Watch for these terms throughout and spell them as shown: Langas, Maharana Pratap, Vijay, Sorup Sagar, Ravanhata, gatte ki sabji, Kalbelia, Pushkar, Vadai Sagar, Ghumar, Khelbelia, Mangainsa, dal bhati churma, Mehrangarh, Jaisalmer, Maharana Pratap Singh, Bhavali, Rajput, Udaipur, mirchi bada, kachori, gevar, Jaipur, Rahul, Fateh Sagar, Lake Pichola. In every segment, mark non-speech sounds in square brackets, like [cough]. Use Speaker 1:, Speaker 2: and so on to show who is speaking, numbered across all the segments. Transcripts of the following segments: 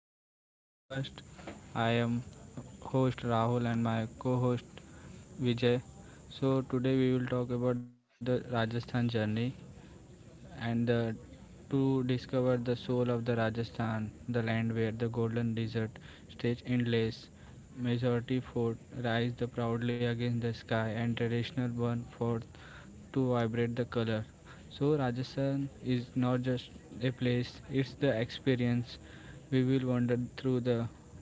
Speaker 1: welcome to our podcast. I am host Rahul and my co host Vijay. So, today we will talk about the Rajasthan journey and the, to discover the soul of the Rajasthan, the land where the golden desert stretch endless. Majority fort rise the proudly against the sky and traditional burn forth to vibrate the color. So Rajasthan is not just a place, it's the experience. We will wander through the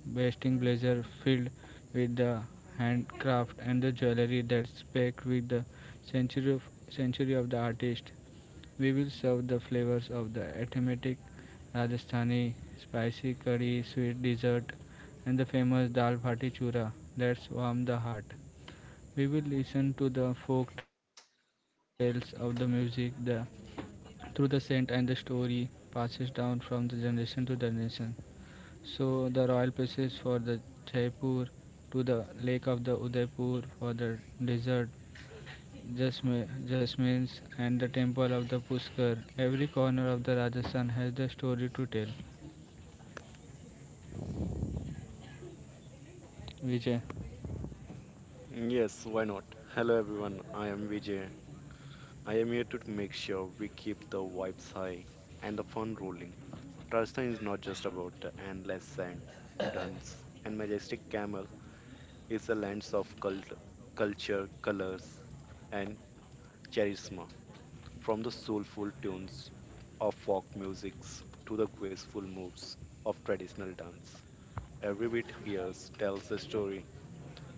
Speaker 1: basting blazer filled with the handcraft and the jewelry that's packed with the century of, century of the artist. We will serve the flavors of the aromatic, Rajasthani spicy curry, sweet dessert, and the famous dal bhati chura that's warm the heart. We will listen to the folk tales of the music through the scent, and the story passes down from the generation to generation. So the royal places for the Jaipur to the lake of the Udaipur for the desert jasmines and the temple of the Pushkar. Every corner of the Rajasthan has the story to tell. Vijay.
Speaker 2: Yes, why not? Hello everyone, I am Vijay. I am here to make sure we keep the vibes high and the fun rolling. Rajasthan is not just about the endless sand, dunes, and majestic camel. It's a land of culture, colors, and charisma. From the soulful tunes of folk musics to the graceful moves of traditional dance. Every bit here tells a story.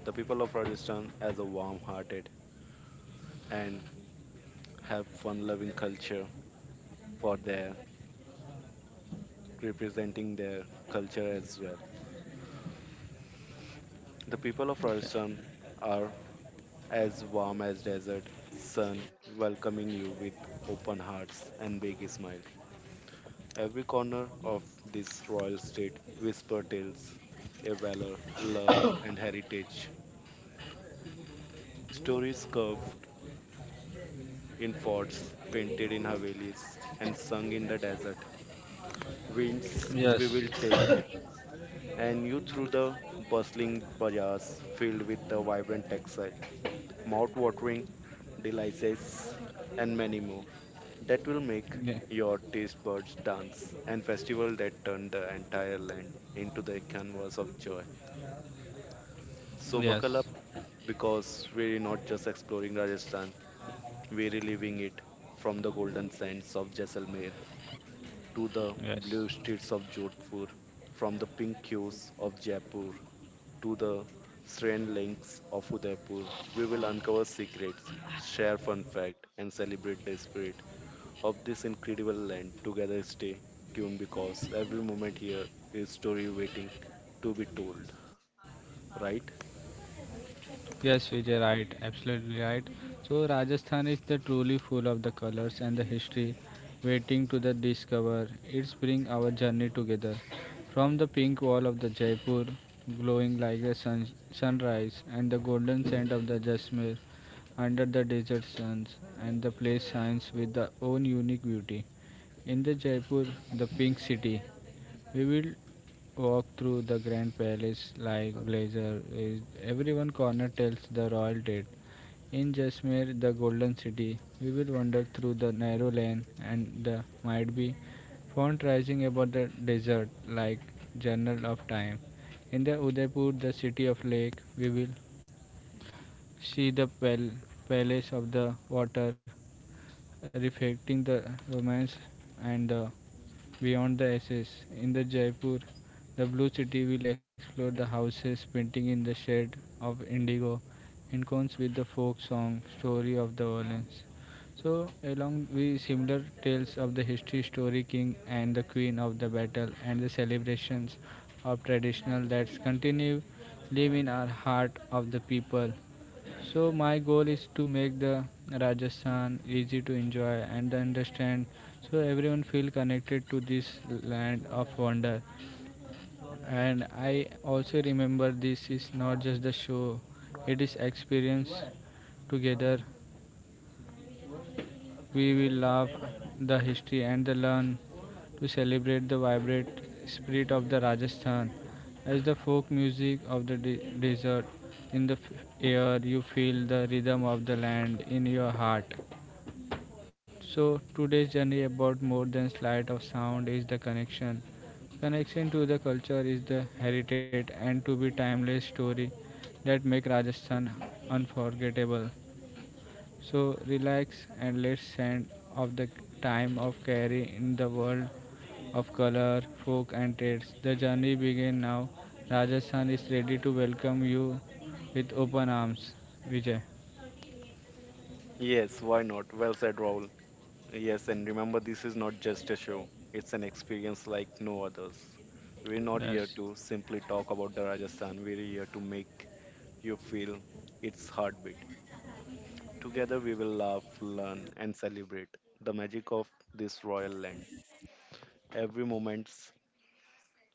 Speaker 2: The people of Rajasthan as a warm-hearted and have fun loving culture for their representing their culture as well. The people of Rajasthan are as warm as desert sun, welcoming you with open hearts and big smile. Every corner of this royal state whisper tales, a valor, love, and heritage. Stories carved in forts, painted in havelis, and sung in the desert. Winds we
Speaker 1: Yes.
Speaker 2: will take and you through the bustling bazaars filled with the vibrant textiles, mouth-watering delicacies, and many more that will make your taste buds dance and festival that turn the entire land into the canvas of joy. So buckle up
Speaker 1: Yes.
Speaker 2: because we're not just exploring Rajasthan, we're reliving it from the golden sands of Jaisalmer to the
Speaker 1: Yes.
Speaker 2: blue streets of Jodhpur, from the pink hues of Jaipur to the strange links of Udaipur. We will uncover secrets, share fun fact, and celebrate the spirit of this incredible land. Together, stay tuned because every moment here is story waiting to be told. Right?
Speaker 1: Yes, Vijay, right, absolutely right. So Rajasthan is the truly full of the colors and the history waiting to the discover. It's bring our journey together. From the pink wall of the Jaipur, glowing like the sun, sunrise, and the golden scent of the Jasmine under the desert suns, and the place shines with the own unique beauty. In the Jaipur, the pink city, we will walk through the grand palace like Blazer. Everyone corner tells the royal date. In Jasmir, the golden city, we will wander through the narrow lane and the might be font rising above the desert like journal of time. In the Udaipur, the city of lake, we will see the palace of the water reflecting the romance and the beyond the ashes. In the Jaipur, the blue city will explore the houses painting in the shade of indigo in cones with the folk song story of the violence. So along with similar tales of the history story king and the queen of the battle and the celebrations of traditional that continue live in our heart of the people, so my goal is to make the Rajasthan easy to enjoy and understand so everyone feel connected to this land of wonder. And I also remember this is not just the show, it is experience together we will love the history and the learn to celebrate the vibrant spirit of the Rajasthan. As the folk music of the desert in the air, you feel the rhythm of the land in your heart. So today's journey about more than sleight of sound is the connection. Connection to the culture is the heritage and to be timeless story that make Rajasthan unforgettable. So relax and let's send off the time of carry in the world of color, folk and trades. The journey begin now. Rajasthan is ready to welcome you with open arms. Vijay.
Speaker 2: Yes. Why not? Well said, Raul. Yes, and remember, this is not just a show. It's an experience like no others. We're not here
Speaker 1: Yes.
Speaker 2: to simply talk about the Rajasthan. We're here to make you feel its heartbeat. Together we will laugh, learn, and celebrate the magic of this royal land. Every moment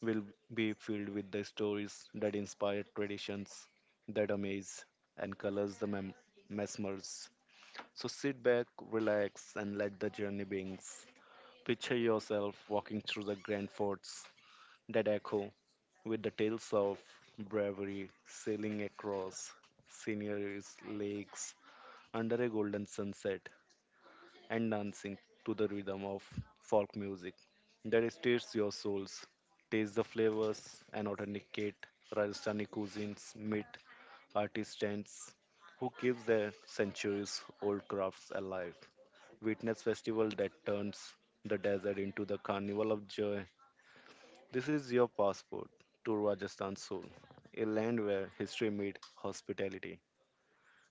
Speaker 2: will be filled with the stories that inspire traditions, that amaze and colors the mesmers. So sit back, relax, and let the journey begin. Picture yourself walking through the grand forts that echo with the tales of bravery, sailing across sceneries, lakes, under a golden sunset and dancing to the rhythm of folk music that stirs your souls. Taste the flavors and authenticate Rajasthani cuisines, meet artisans who keep their centuries old crafts alive. Witness festival that turns the desert into the carnival of joy. This is your passport to Rajasthan's soul, a land where history meets hospitality,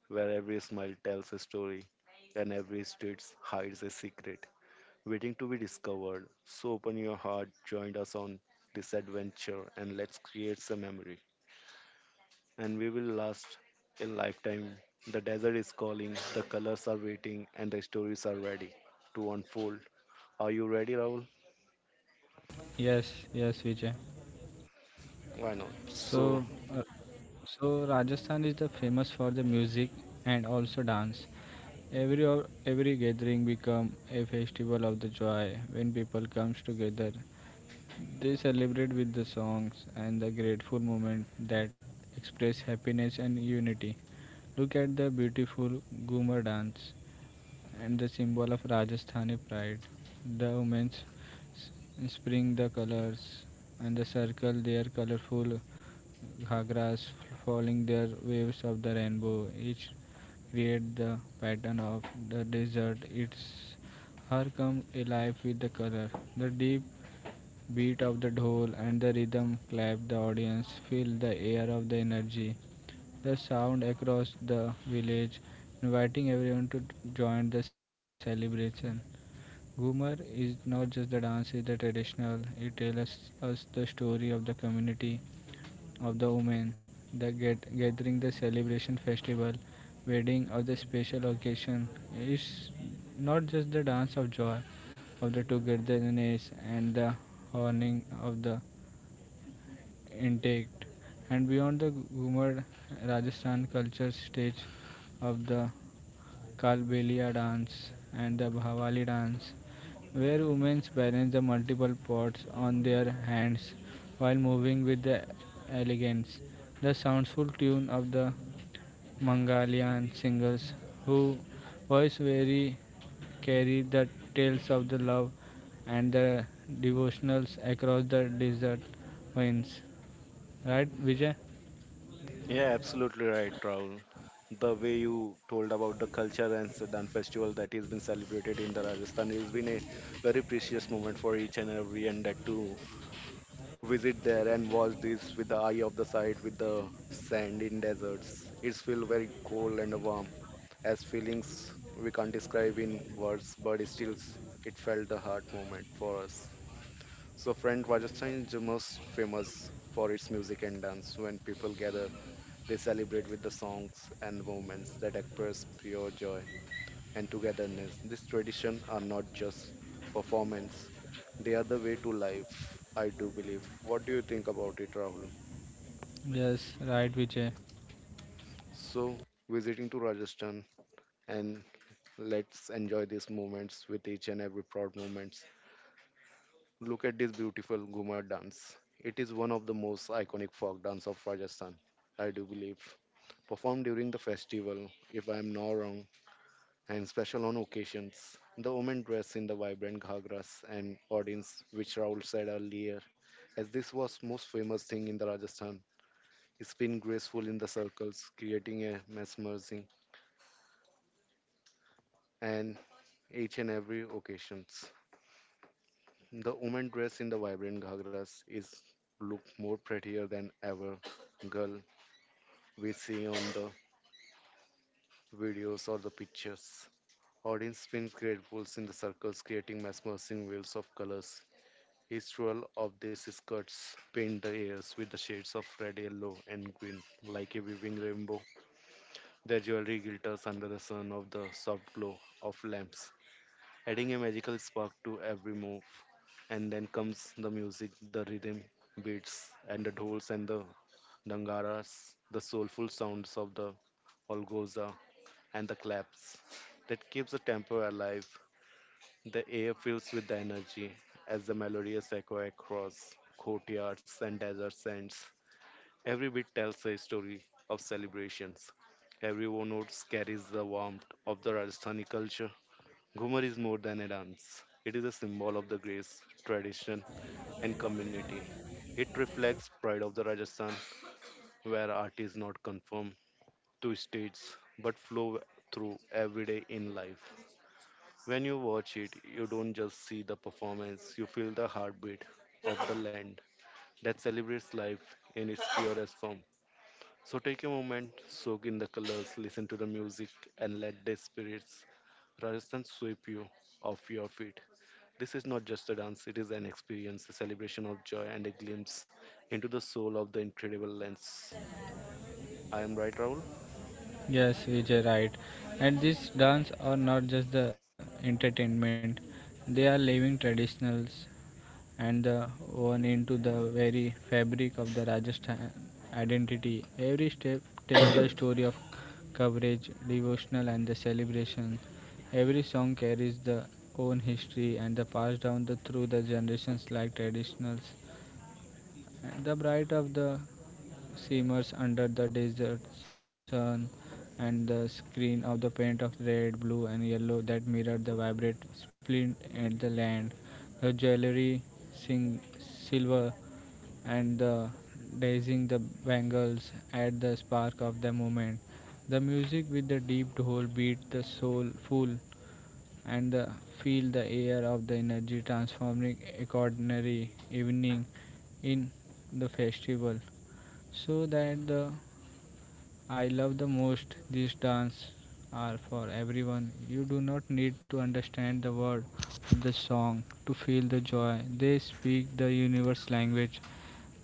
Speaker 2: where every smile tells a story and every street hides a secret waiting to be discovered. So open your heart, join us on this adventure, and let's create some memory. And we will last a lifetime. The desert is calling, the colors are waiting, and the stories are ready to unfold. Are you ready, Rahul?
Speaker 1: Yes, yes, Vijay.
Speaker 2: Why not?
Speaker 1: So
Speaker 2: So,
Speaker 1: uh, so Rajasthan is the famous for the music and also dance. Every gathering become a festival of the joy when people comes together. They celebrate with the songs and the grateful moment that express happiness and unity. Look at the beautiful Ghumar dance and the symbol of Rajasthani pride. The women s- spring the colors and the circle their colorful ghagras following their waves of the rainbow. Each create the pattern of the desert. It's her come alive with the color. The deep beat of the dhol and the rhythm clap, the audience feel the air of the energy. The sound across the village, inviting everyone to join the celebration. Ghumar is not just the dance, it's the traditional. It tells us the story of the community of the women, gathering, the celebration, festival, wedding, or the special occasion. It's not just the dance of joy, of the togetherness, and the honoring of the intact. And beyond the Ghumar Rajasthan culture stage of the Kalbelia dance and the Bhavali dance where women balance the multiple pots on their hands while moving with the elegance. The soulful tune of the Mongolian singers who voice very carry the tales of the love and the devotionals across the desert winds. Right, Vijay?
Speaker 2: yeah, absolutely right, Rahul. The way you told about the culture and Sedan festival that is being celebrated in the Rajasthan has been a very precious moment for each and every, and that too visit there and watch this with the eye of the sight with the sand in deserts. It's feel very cold and warm, as feelings we can't describe in words, but it still it felt the heart moment for us. So, friend, Rajasthan is the most famous for its music and dance. When people gather, they celebrate with the songs and movements that express pure joy and togetherness. This tradition are not just performance, they are the way to life, I do believe. What do you think about it, Rahul?
Speaker 1: Yes, right, Vijay.
Speaker 2: So, visiting to Rajasthan and let's enjoy these moments with each and every proud moments. Look at this beautiful Ghumar dance. It is one of the most iconic folk dance of Rajasthan, I do believe. Performed during the festival, if I am not wrong, and special on occasions. The women dress in the vibrant ghagras and audience, which Raul said earlier, as this was most famous thing in the Rajasthan. Spin graceful in the circles, creating a mesmerizing and each and every occasions. The women dress in the vibrant ghagras is look more prettier than ever girl we see on the videos or the pictures. Audience spins gratefuls in the circles, creating mesmerizing wheels of colors. Each swirl of these skirts paint the airs with the shades of red, yellow, and green, like a weaving rainbow. Their jewelry glitters under the sun of the soft glow of lamps, adding a magical spark to every move. And then comes the music, the rhythm, beats, and the dolls and the dangaras, the soulful sounds of the olgoza and the claps that keeps the tempo alive, the air fills with the energy as the melodious echo across courtyards and desert sands. Every beat tells a story of celebrations. Every note carries the warmth of the Rajasthani culture. Ghumar is more than a dance. It is a symbol of the grace, tradition, and community. It reflects pride of the Rajasthan, where art is not confined to states but flow through everyday in life. When you watch it, you don't just see the performance, you feel the heartbeat of the land that celebrates life in its purest form. So take a moment, soak in the colors, listen to the music, and let the spirits Rajasthan sweep you off your feet. This is not just a dance, it is an experience, a celebration of joy, and a glimpse into the soul of the incredible lens. I am right, Raul?
Speaker 1: Yes, Vijay, right. And these dance are not just the entertainment; they are living traditionals and the woven into the very fabric of the Rajasthan identity. Every step tells the story of coverage, devotional, and the celebration. Every song carries the own history and the passed down through the generations like traditionals the bright of the shimmers under the desert sun and the screen of the paint of red, blue, and yellow that mirrored the vibrant splint at the land. The jewelry, silver, and the dazing the bangles add the spark of the moment. The music with the deep whole beat the soul full and feel the air of the energy transforming a ordinary evening in the festival. So that the I love the most these dance are for everyone. You do not need to understand the word of the song to feel the joy. They speak the universe language,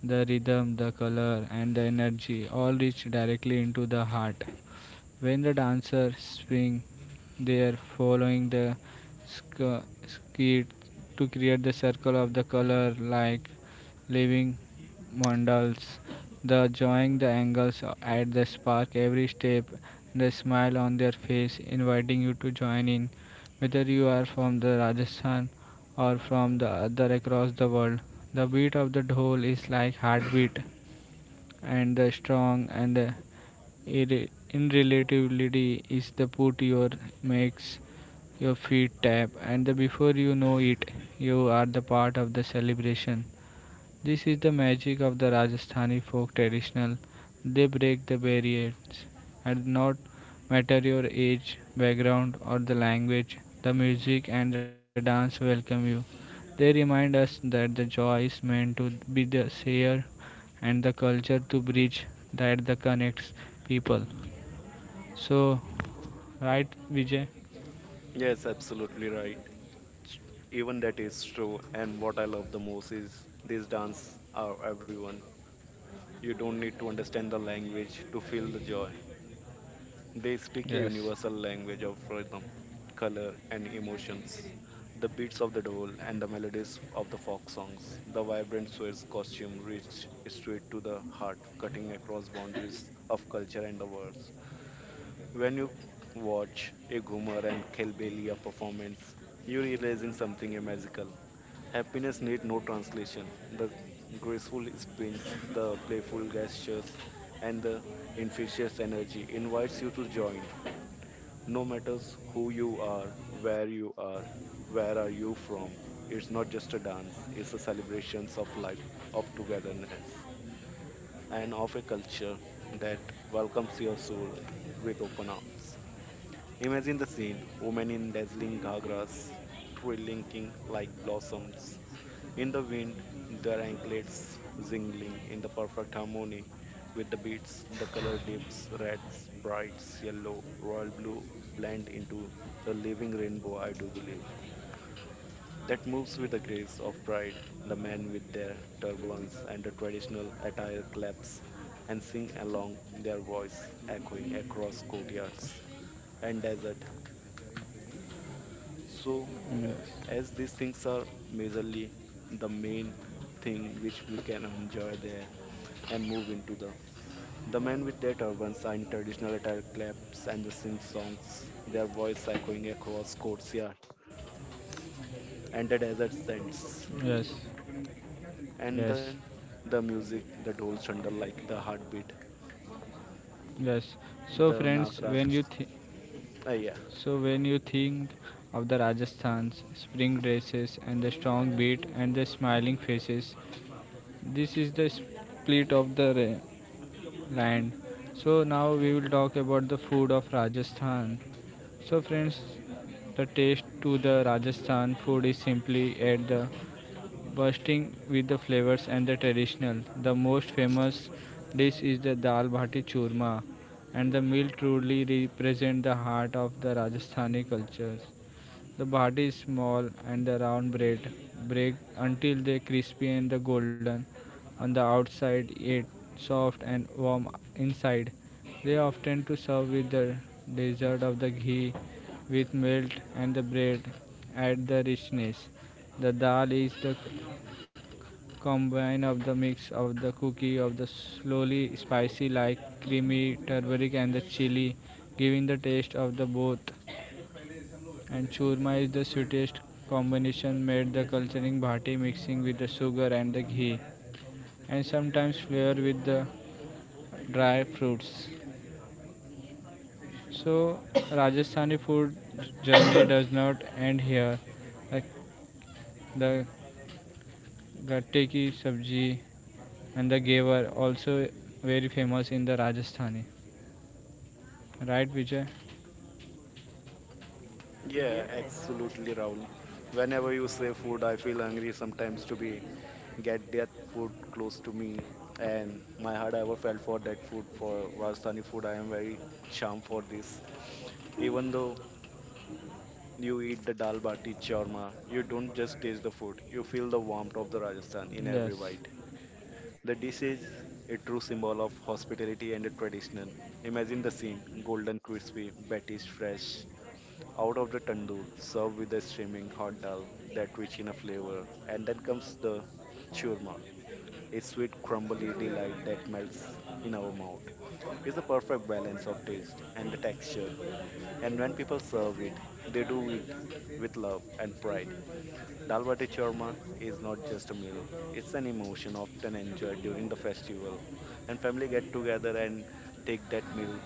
Speaker 1: the rhythm, the color and the energy all reach directly into the heart. When the dancers swing, they are following the skit to create the circle of the color like living mandals. The drawing the angles at the spark every step, the smile on their face inviting you to join in. Whether you are from the Rajasthan or from the other across the world, the beat of the dhol is like heartbeat and the strong and the irre- irreliability is the put your makes your feet tap and the before you know it you are the part of the celebration. This is the magic of the Rajasthani folk traditional. They break the barriers and not matter your age, background or the language. The music and the dance welcome you. They remind us that the joy is meant to be the shared and the culture to bridge that the connects people. So, right, Vijay?
Speaker 2: Yes, absolutely right. Even that is true. And what I love the most is these dance are everyone. You don't need to understand the language to feel the joy. They speak a
Speaker 1: Yes.
Speaker 2: universal language of rhythm, color, and emotions. The beats of the dhol and the melodies of the folk songs, the vibrant Swiss costume reach straight to the heart, cutting across boundaries of culture and the words. When you watch a Ghumar and Khelbelia performance, you're realizing something magical. Happiness need no translation. The graceful spins, the playful gestures, and the infectious energy invites you to join. No matters who you are, where are you from. It's not just a dance, it's a celebration of life, of togetherness, and of a culture that welcomes your soul with open arms. Imagine the scene women in dazzling ghagras, trilling like blossoms, in the wind, their anklets jingling in the perfect harmony with the beats, the color dips, reds, brights, yellow, royal blue blend into the living rainbow, I do believe. That moves with the grace of pride. The men with their turbans and the traditional attire claps and sing along, their voice echoing across courtyards and desert. So,
Speaker 1: Yes.
Speaker 2: as these things are majorly the main thing which we can enjoy there and move into the. The men with their turbans and traditional attire claps and the sing songs, their voice echoing across courtyard and the desert sands.
Speaker 1: Yes,
Speaker 2: And
Speaker 1: yes,
Speaker 2: then the music, the dhol thunder like the heartbeat,
Speaker 1: yes. So,
Speaker 2: the
Speaker 1: friends,
Speaker 2: nagra.
Speaker 1: when you think
Speaker 2: Uh, yeah,
Speaker 1: So when you think of the Rajasthan's spring dresses and the strong beat and the smiling faces, this is the split of the land. So now we will talk about the food of Rajasthan. So friends, the taste to the Rajasthan food is simply at the bursting with the flavors and the traditional. The most famous dish is the dal bhati churma, and the meal truly represents the heart of the Rajasthani culture. The body is small and the round bread break until they crispy and the golden on the outside yet soft and warm inside. They often to serve with the dessert of the ghee with milk and the bread add the richness. The dal is the combine of the mix of the cookie of the slowly spicy like creamy turmeric and the chili giving the taste of the both and churma is the sweetest combination made the culturing bhati mixing with the sugar and the ghee and sometimes flavor with the dry fruits. So Rajasthani food journey [coughs] does not end here. Like the gatte ki sabji and the gevar also very famous in the Rajasthani. Right, Vijay?
Speaker 2: yeah, absolutely, Rahul. Whenever you say food, I feel hungry sometimes to be get that food close to me and my heart ever felt for that food for rajasthani food I am very charmed for this even though you eat the dal bati churma. You don't just taste the food, you feel the warmth of the Rajasthan in every
Speaker 1: Yes.
Speaker 2: bite. The dish is a true symbol of hospitality and a tradition. Imagine the scene golden, crispy, batti's fresh, out of the tandoor, served with a steaming hot dal that rich in a flavor. And then comes the churma, a sweet, crumbly delight that melts in our mouth. It's the perfect balance of taste and the texture. And when people serve it, they do it with love and pride. Dal bati churma is not just a meal, it's an emotion often enjoyed during the festival. And family get together and take that meal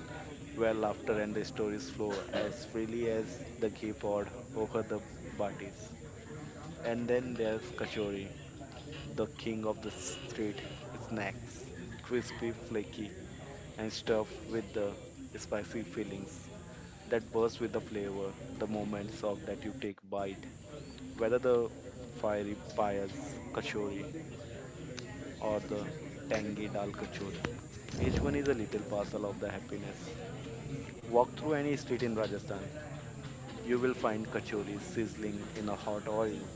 Speaker 2: where laughter and the stories flow as freely as the ghee poured over the batis. And then there's kachori, the king of the street snacks, crispy, flaky, and stuffed with the spicy fillings that burst with the flavor, the moments of that you take bite, whether the fiery payas kachori or the tangy dal kachori. Each one is a little parcel of the happiness. Walk through any street in Rajasthan, you will find kachoris sizzling in a hot oil,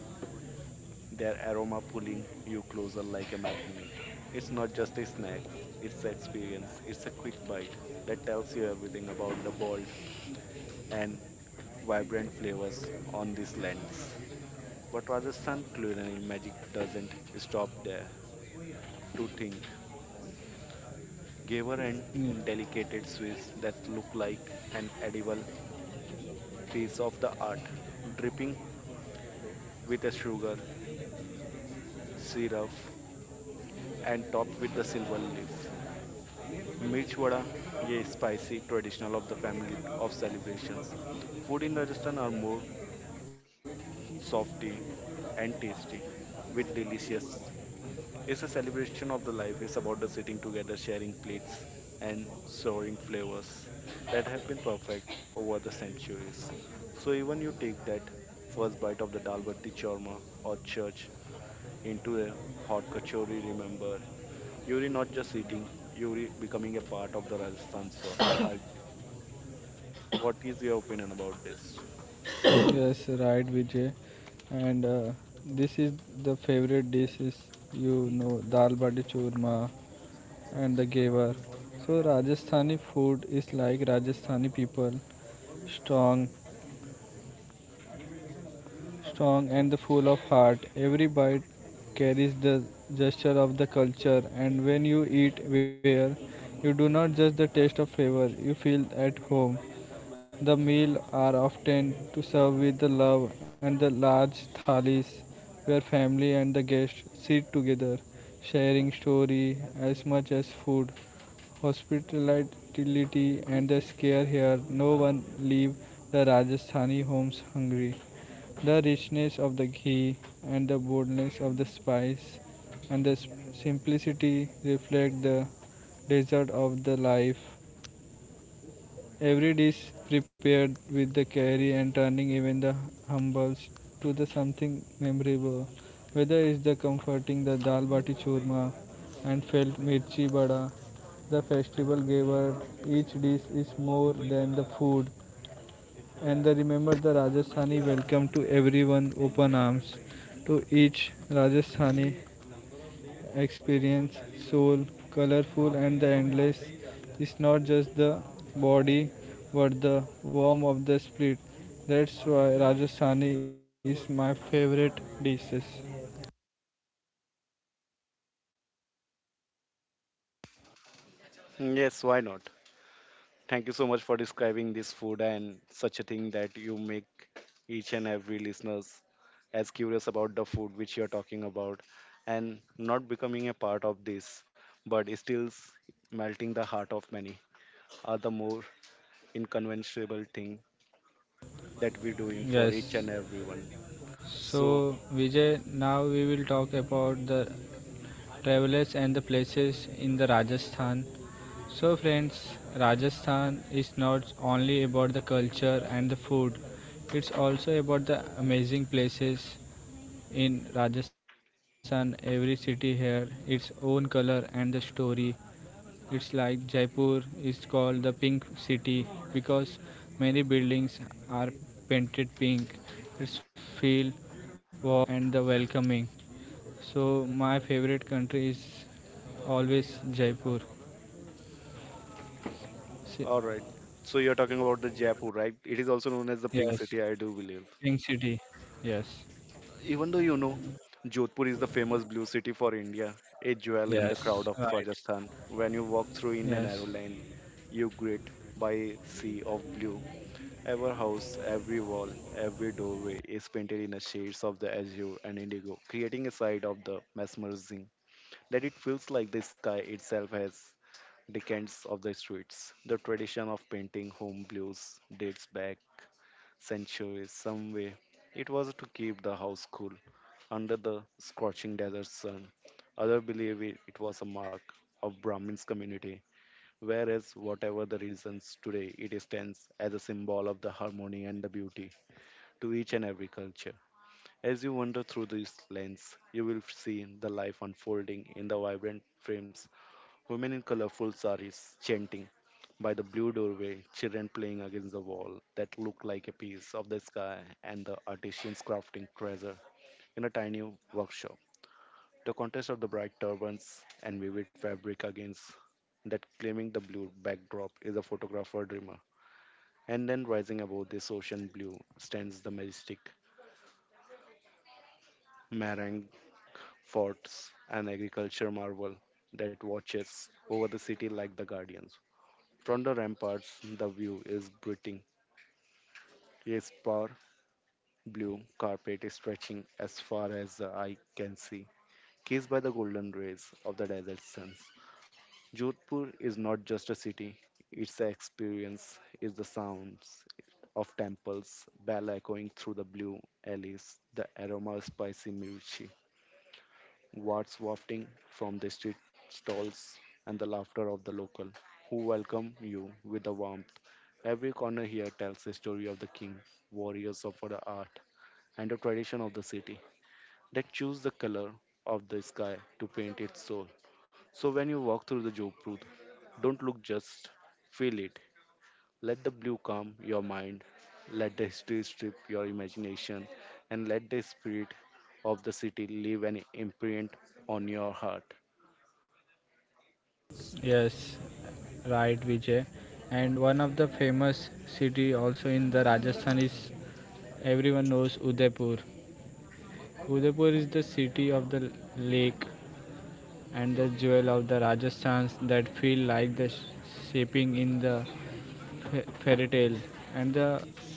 Speaker 2: their aroma pulling you closer like a magnet. It's not just a snack, it's an experience, it's a quick bite that tells you everything about the bold and vibrant flavors on these lands. But Rajasthan culinary magic doesn't stop there. To think, gave her an delicate swiss that look like an edible piece of the art, dripping with a sugar, syrup, and topped with the silver leaf. Mirch vada, a spicy traditional of the family of celebrations. Food in Rajasthan are more softy and tasty, with delicious. It's a celebration of the life. It's about the sitting together, sharing plates, and soaring flavors that have been perfect over the centuries. So even you take that first bite of the dalbati chorma or church into a hot kachori, remember, you're not just eating, you're becoming a part of the Rajasthan soul. I, what is your opinion about this?
Speaker 1: Yes, right, Vijay. And this is the favorite dish is dal bati churma and the gevar. So Rajasthani food is like Rajasthani people, strong strong and full of heart. Every bite carries the gesture of the culture, and when you eat where you do not just the taste of flavor, you feel at home. The meal are often to serve with the love and the large thalis where family and the guests sit together, sharing story as much as food. Hospitality and the care here, no one leave the Rajasthani homes hungry. The richness of the ghee and the boldness of the spice and the simplicity reflect the desert of the life. Every dish prepared with the care and turning even the humbles to the something memorable. Whether it's the comforting the dal bati churma and felt mirchi bada, the festival gave her each dish is more than the food and they remember the Rajasthani welcome to everyone open arms. To each Rajasthani experience, soul, colorful and the endless is not just the body but the warmth of the spirit. That's why Rajasthani is my favorite dishes.
Speaker 2: Yes, why not? Thank you so much for describing this food and such a thing that you make each and every listeners as curious about the food which you're talking about and not becoming a part of this, but it still melting the heart of many are the more inconceivable thing that we're doing for each
Speaker 1: Yes.
Speaker 2: and everyone. So,
Speaker 1: So, Vijay, now we will talk about the travelers and the places in the Rajasthan. So, friends, Rajasthan is not only about the culture and the food, it's also about the amazing places in Rajasthan. Every city here, its own color and the story. It's like Jaipur is called the pink city because many buildings are painted pink. It's feel warm and the welcoming. So my favorite country is always Jaipur. Si-
Speaker 2: all right. So you're talking about the Jaipur, right? It is also known as the Pink
Speaker 1: Yes,
Speaker 2: City, I do believe.
Speaker 1: pink city. Yes.
Speaker 2: Even though Jodhpur is the famous blue city for India, a jewel in the
Speaker 1: Yes,
Speaker 2: crowd of
Speaker 1: right.
Speaker 2: Rajasthan. When you walk through in a
Speaker 1: Yes.
Speaker 2: narrow lane, you greet by a sea of blue. Every house, every wall, every doorway is painted in the shades of the azure and indigo, creating a side of the mesmerizing that it feels like the sky itself has decades of the streets. The tradition of painting home blues dates back centuries some way. It was to keep the house cool under the scorching desert sun. Others believe it, it was a mark of Brahmin's community, whereas whatever the reasons today it stands as a symbol of the harmony and the beauty to each and every culture. As you wander through this lens, you will see the life unfolding in the vibrant frames. Women in colorful saris chanting by the blue doorway, children playing against the wall that look like a piece of the sky, and the artisans crafting treasure in a tiny workshop. The contrast of the bright turbans and vivid fabric against that claiming the blue backdrop is a photographer dreamer. And then rising above this ocean blue stands the majestic meringue forts, an agriculture marvel that watches over the city like the guardians. From the ramparts, the view is breathing. Crisper blue carpet is stretching as far as the eye can see, kissed by the golden rays of the desert suns. Jodhpur is not just a city, it's experience, is the sounds of temples, bell echoing through the blue alleys, the aroma of spicy mirchi, wafts wafting from the street stalls, and the laughter of the local who welcome you with a warmth. Every corner here tells a story of the king, warriors of the art, and the tradition of the city that choose the color of the sky to paint its soul. So when you walk through the Jodhpur, don't look just feel it. Let the blue calm your mind, let the history strip your imagination, and let the spirit of the city leave an imprint on your heart.
Speaker 1: Yes, right, Vijay. And one of the famous city also in the Rajasthan is everyone knows Udaipur. Udaipur is the city of the lake and the jewel of the Rajasthan that feel like the shaping in the fairy tale. And the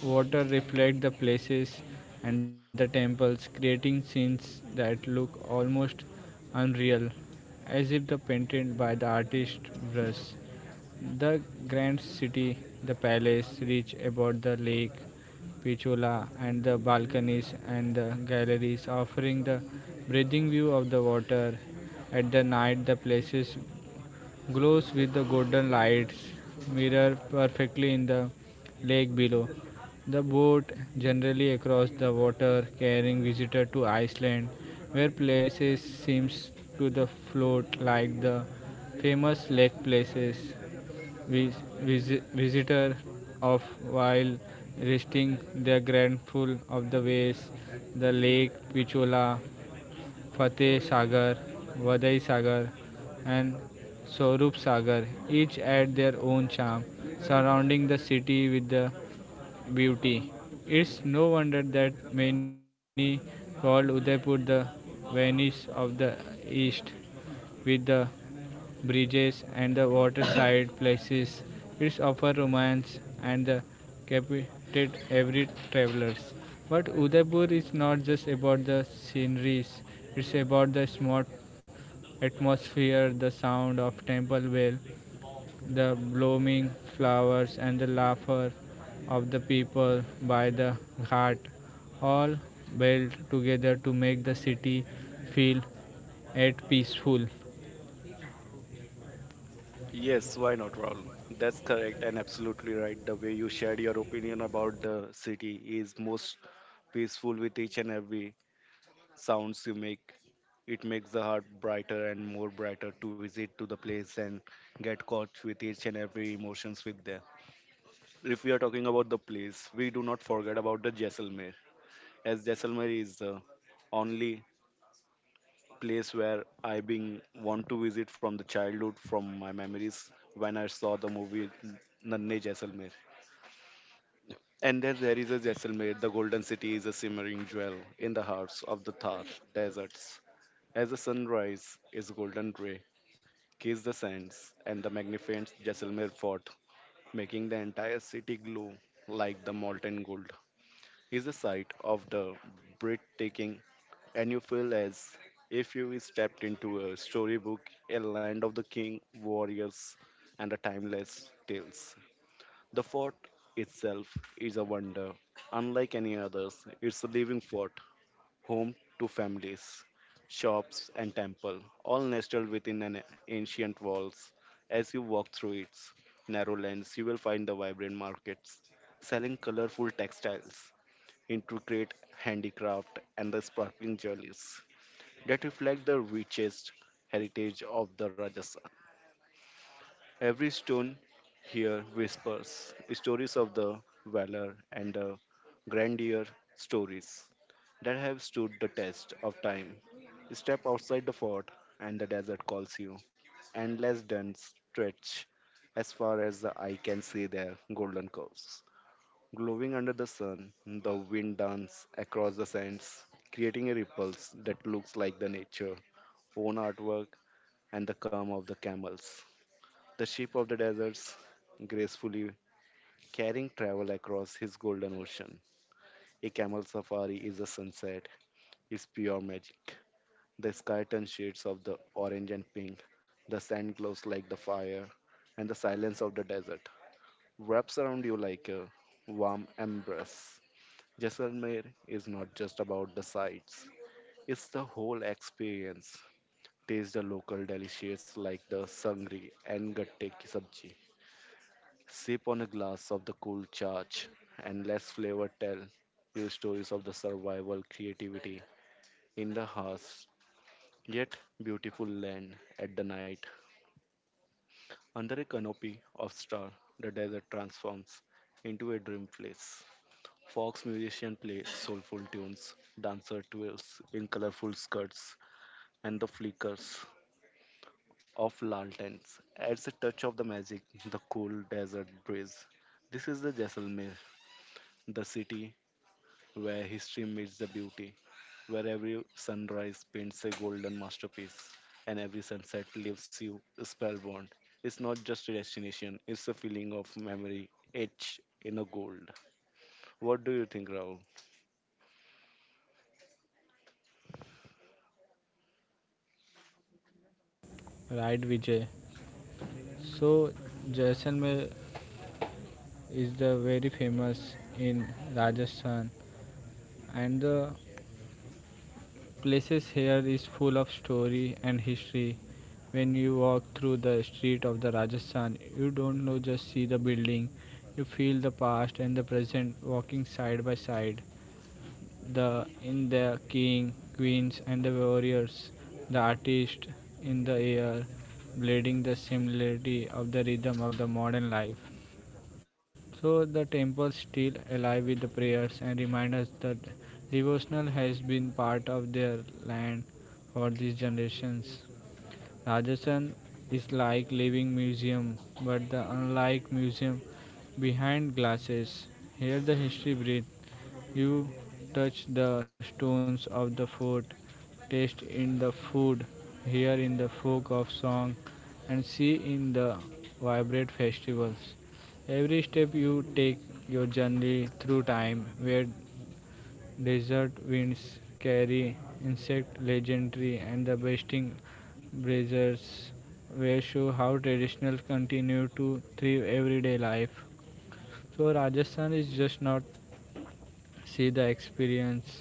Speaker 1: water reflect the places and the temples, creating scenes that look almost unreal, as if the painted by the artist brush. The grand city, the palace reach about the lake, Pichola, and the balconies and the galleries offering the breathing view of the water. At the night, the places glows with the golden lights, mirror perfectly in the lake below. The boat generally across the water, carrying visitor to Iceland, where places seems to the float like the famous lake places. Vis- Visitor of while resting their grandful of the ways, the lake Pichola, Fateh Sagar, Vadai Sagar, and Sorup Sagar, each add their own charm, surrounding the city with the beauty. It's no wonder that many call Udaipur the Venice of the East, with the bridges and the waterside places. It's offer romance and the captivated every travelers. But Udaipur is not just about the sceneries, it's about the smart atmosphere, the sound of temple bell, the blooming flowers and the laughter of the people by the ghat, all built together to make the city feel at peaceful.
Speaker 2: Yes, why not, Rahul? That's correct and absolutely right. The way you shared your opinion about the city is most peaceful with each and every sounds you make. It makes the heart brighter and more brighter to visit to the place and get caught with each and every emotions with there. If we are talking about the place, we do not forget about the Jaisalmer, as Jaisalmer is the only place where I been want to visit from the childhood, from my memories when I saw the movie Nanne Jaisalmer. And then there is a Jaisalmer, the golden city is a simmering jewel in the hearts of the Thar deserts. As the sunrise is golden gray, kiss the sands and the magnificent Jaisalmer fort, making the entire city glow like the molten gold, is a sight of the breathtaking and you feel as if you stepped into a storybook, a land of the king, warriors, and the timeless tales. The fort itself is a wonder, unlike any others. It's a living fort, home to families, shops, and temple, all nestled within an ancient walls. As you walk through its narrow lanes, you will find the vibrant markets selling colorful textiles, intricate handicraft, and the sparkling jewelries that reflect the richest heritage of the Rajasthan. Every stone here whispers stories of the valor and the grandeur stories that have stood the test of time. Step outside the fort, and the desert calls you. Endless dunes stretch as far as the eye can see their golden curves. Glowing under the sun, the wind dances across the sands, creating a ripples that looks like the nature own artwork and the calm of the camels. The sheep of the deserts gracefully carrying travel across his golden ocean. A camel safari is a sunset, is pure magic. The sky turns shades of the orange and pink, the sand glows like the fire, and the silence of the desert wraps around you like a warm embrace. Jaisalmer is not just about the sights, it's the whole experience. Taste the local delicious like the sangri and gatte ki sabji. Sip on a glass of the cool charge and let flavor tell you stories of the survival creativity in the harsh yet beautiful land at the night. Under a canopy of stars, the desert transforms into a dream place. Fox musicians play soulful tunes, dancer twirls in colorful skirts, and the flickers of lanterns adds a touch of the magic, the cool desert breeze. This is the Jaisalmer, the city where history meets the beauty, where every sunrise paints a golden masterpiece and every sunset leaves you spellbound. It's not just a destination, it's a feeling of memory etched in a gold. What do you think, Rahul?
Speaker 1: Right, Vijay. So Jaisalmer is the very famous in Rajasthan and the places here is full of story and history. When you walk through the street of the Rajasthan, you don't know just see the building. You feel the past and the present walking side by side the in the king, queens and the warriors, the artist in the air, blending the similarity of the rhythm of the modern life. So the temple still alive with the prayers and reminders that devotional has been part of their land for these generations. Rajasthan is like living museum, but the unlike museum behind glasses. Here the history breathe. You touch the stones of the fort, taste in the food, hear in the folk of song, and see in the vibrant festivals. Every step you take your journey through time, where desert winds carry insect legendary and the basting braziers, where show how traditional continue to thrive everyday life. So Rajasthan is just not see the experience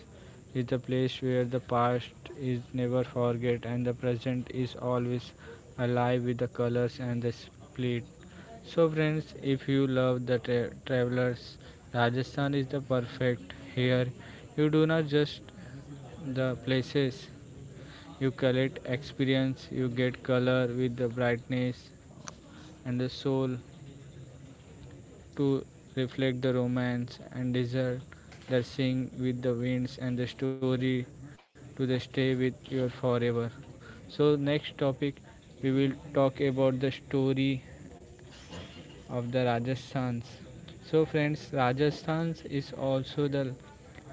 Speaker 1: is the place where the past is never forget and the present is always alive with the colors and the split. So friends, if you love the travelers, Rajasthan is the perfect here. You do not just the places you collect experience you get color with the brightness and the soul to reflect the romance and desire that sing with the winds and the story to the stay with you forever. So next topic we will talk about the story of the Rajasthans. So friends, Rajasthan is also the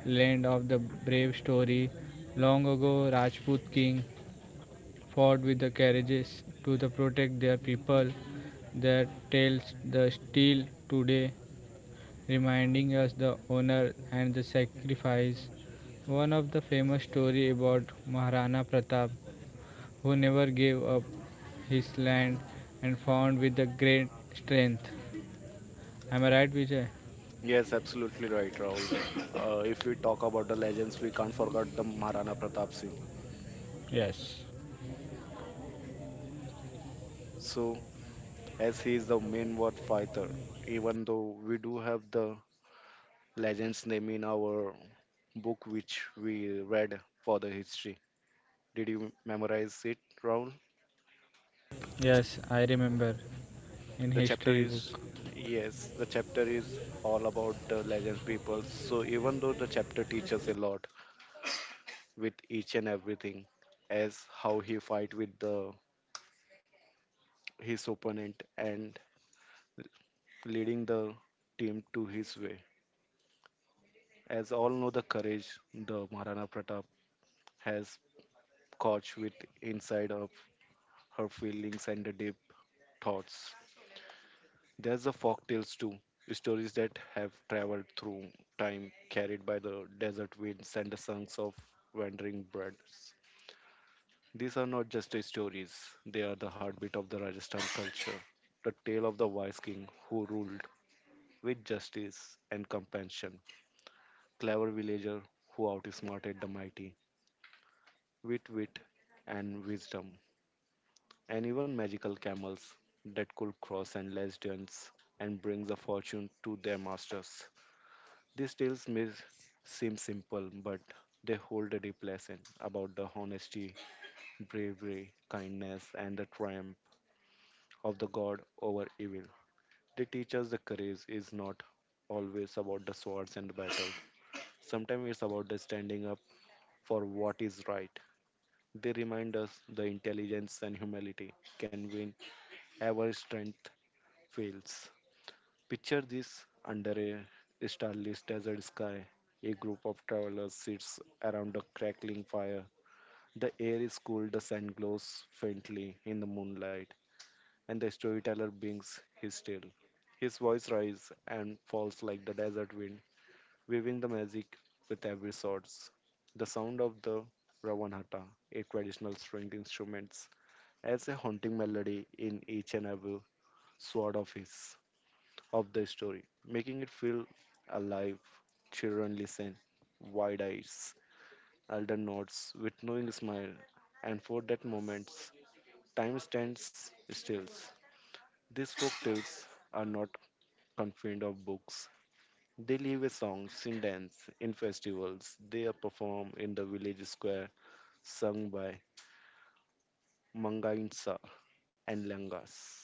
Speaker 1: land of the brave story. Long ago, Rajput king fought with the carriages to the protect their people. Their tales the still today reminding us the honor and the sacrifice. One of the famous story about Maharana Pratap, who never gave up his land and found with the great strength. Am I right, Vijay?
Speaker 2: Yes, absolutely right, Rahul. If we talk about the legends, we can't forget the Maharana Pratap Singh.
Speaker 1: Yes.
Speaker 2: So, as he is the main war fighter, even though we do have the legend's name in our book which we read for the history. Did you memorize it, Raul?
Speaker 1: Yes, I remember in
Speaker 2: The
Speaker 1: history
Speaker 2: chapter
Speaker 1: book.
Speaker 2: is, yes, the chapter is all about the legend people. So even though the chapter teaches a lot with each and everything, as how he fight with the his opponent and leading the team to his way. As all know the courage the Maharana Pratap has caught with inside of her feelings and the deep thoughts. There's the folk tales too, stories that have traveled through time, carried by the desert winds and the songs of wandering birds. These are not just stories, they are the heartbeat of the Rajasthan culture. The tale of the wise king who ruled with justice and compassion, clever villager who outsmarted the mighty, with wit and wisdom, and even magical camels that could cross and less dens and bring the fortune to their masters. These tales seem simple, but they hold a deep lesson about the honesty, bravery, kindness, and the triumph of the God over evil. They teach us the courage is not always about the swords and the battle. Sometimes it's about the standing up for what is right. They remind us the intelligence and humility can win ever strength fails. Picture this under a starlit desert sky. A group of travelers sits around a crackling fire. The air is cool, the sand glows faintly in the moonlight, and the storyteller brings his tale. His voice rises and falls like the desert wind, weaving the magic with every sword. The sound of the Ravanhata, a traditional string instrument, adds a haunting melody in each and every sword of his of the story, making it feel alive. Children listen, wide eyes, elder nods with knowing smile, and for that moment, time stands still. These folk tales are not confined of books. They live with songs, in dance, in festivals. They are performed in the village square, sung by Mangainsa and Langas,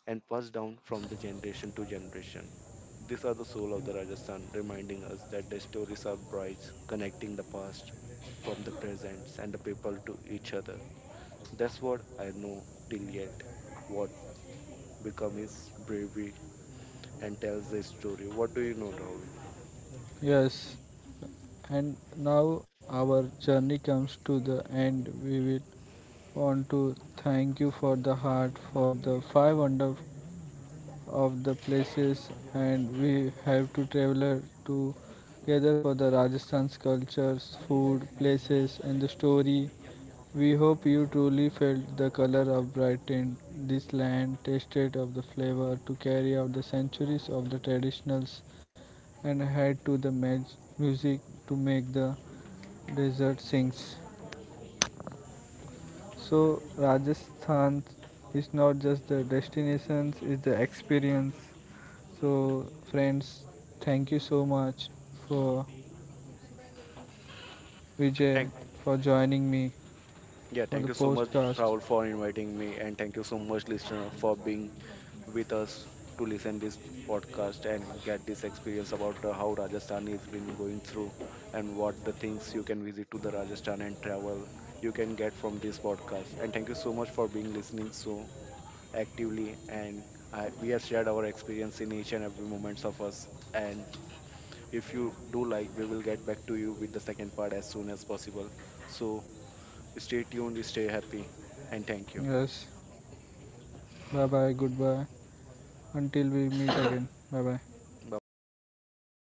Speaker 2: and passed down from the generation to generation. These are the soul of the Rajasthan, reminding us that their stories are brides connecting the past from the presents and the people to each other. That's what I know till yet. What become his bravery and tells the story. What do you know, Rahul?
Speaker 1: Yes, and now our journey comes to the end. We will want to thank you for the heart for the five wonderful of the places and we have to travel together for the Rajasthan's cultures, food, places and the story. We hope you truly felt the color of Brighton, this land, tasted of the flavor to carry out the centuries of the traditionals and had to the music to make the desert sings. So Rajasthan is not just the destinations, it's the experience. So friends, thank you so much for Vijay
Speaker 2: Thank
Speaker 1: for joining me
Speaker 2: yeah,
Speaker 1: for the
Speaker 2: thank you so much,
Speaker 1: podcast.
Speaker 2: Rahul, for inviting me, and thank you so much, listener, for being with us to listen this podcast and get this experience about how Rajasthan has been going through and what the things you can visit to the Rajasthan and travel you can get from this podcast. And thank you so much for being listening so actively. We have shared our experience in each and every moments of us. And if you do like, we will get back to you with the second part as soon as possible. So stay tuned, stay happy, and thank you.
Speaker 1: Yes. Bye bye, goodbye. Until we meet again. [coughs] Bye bye.
Speaker 2: Bye bye, Rahul Thank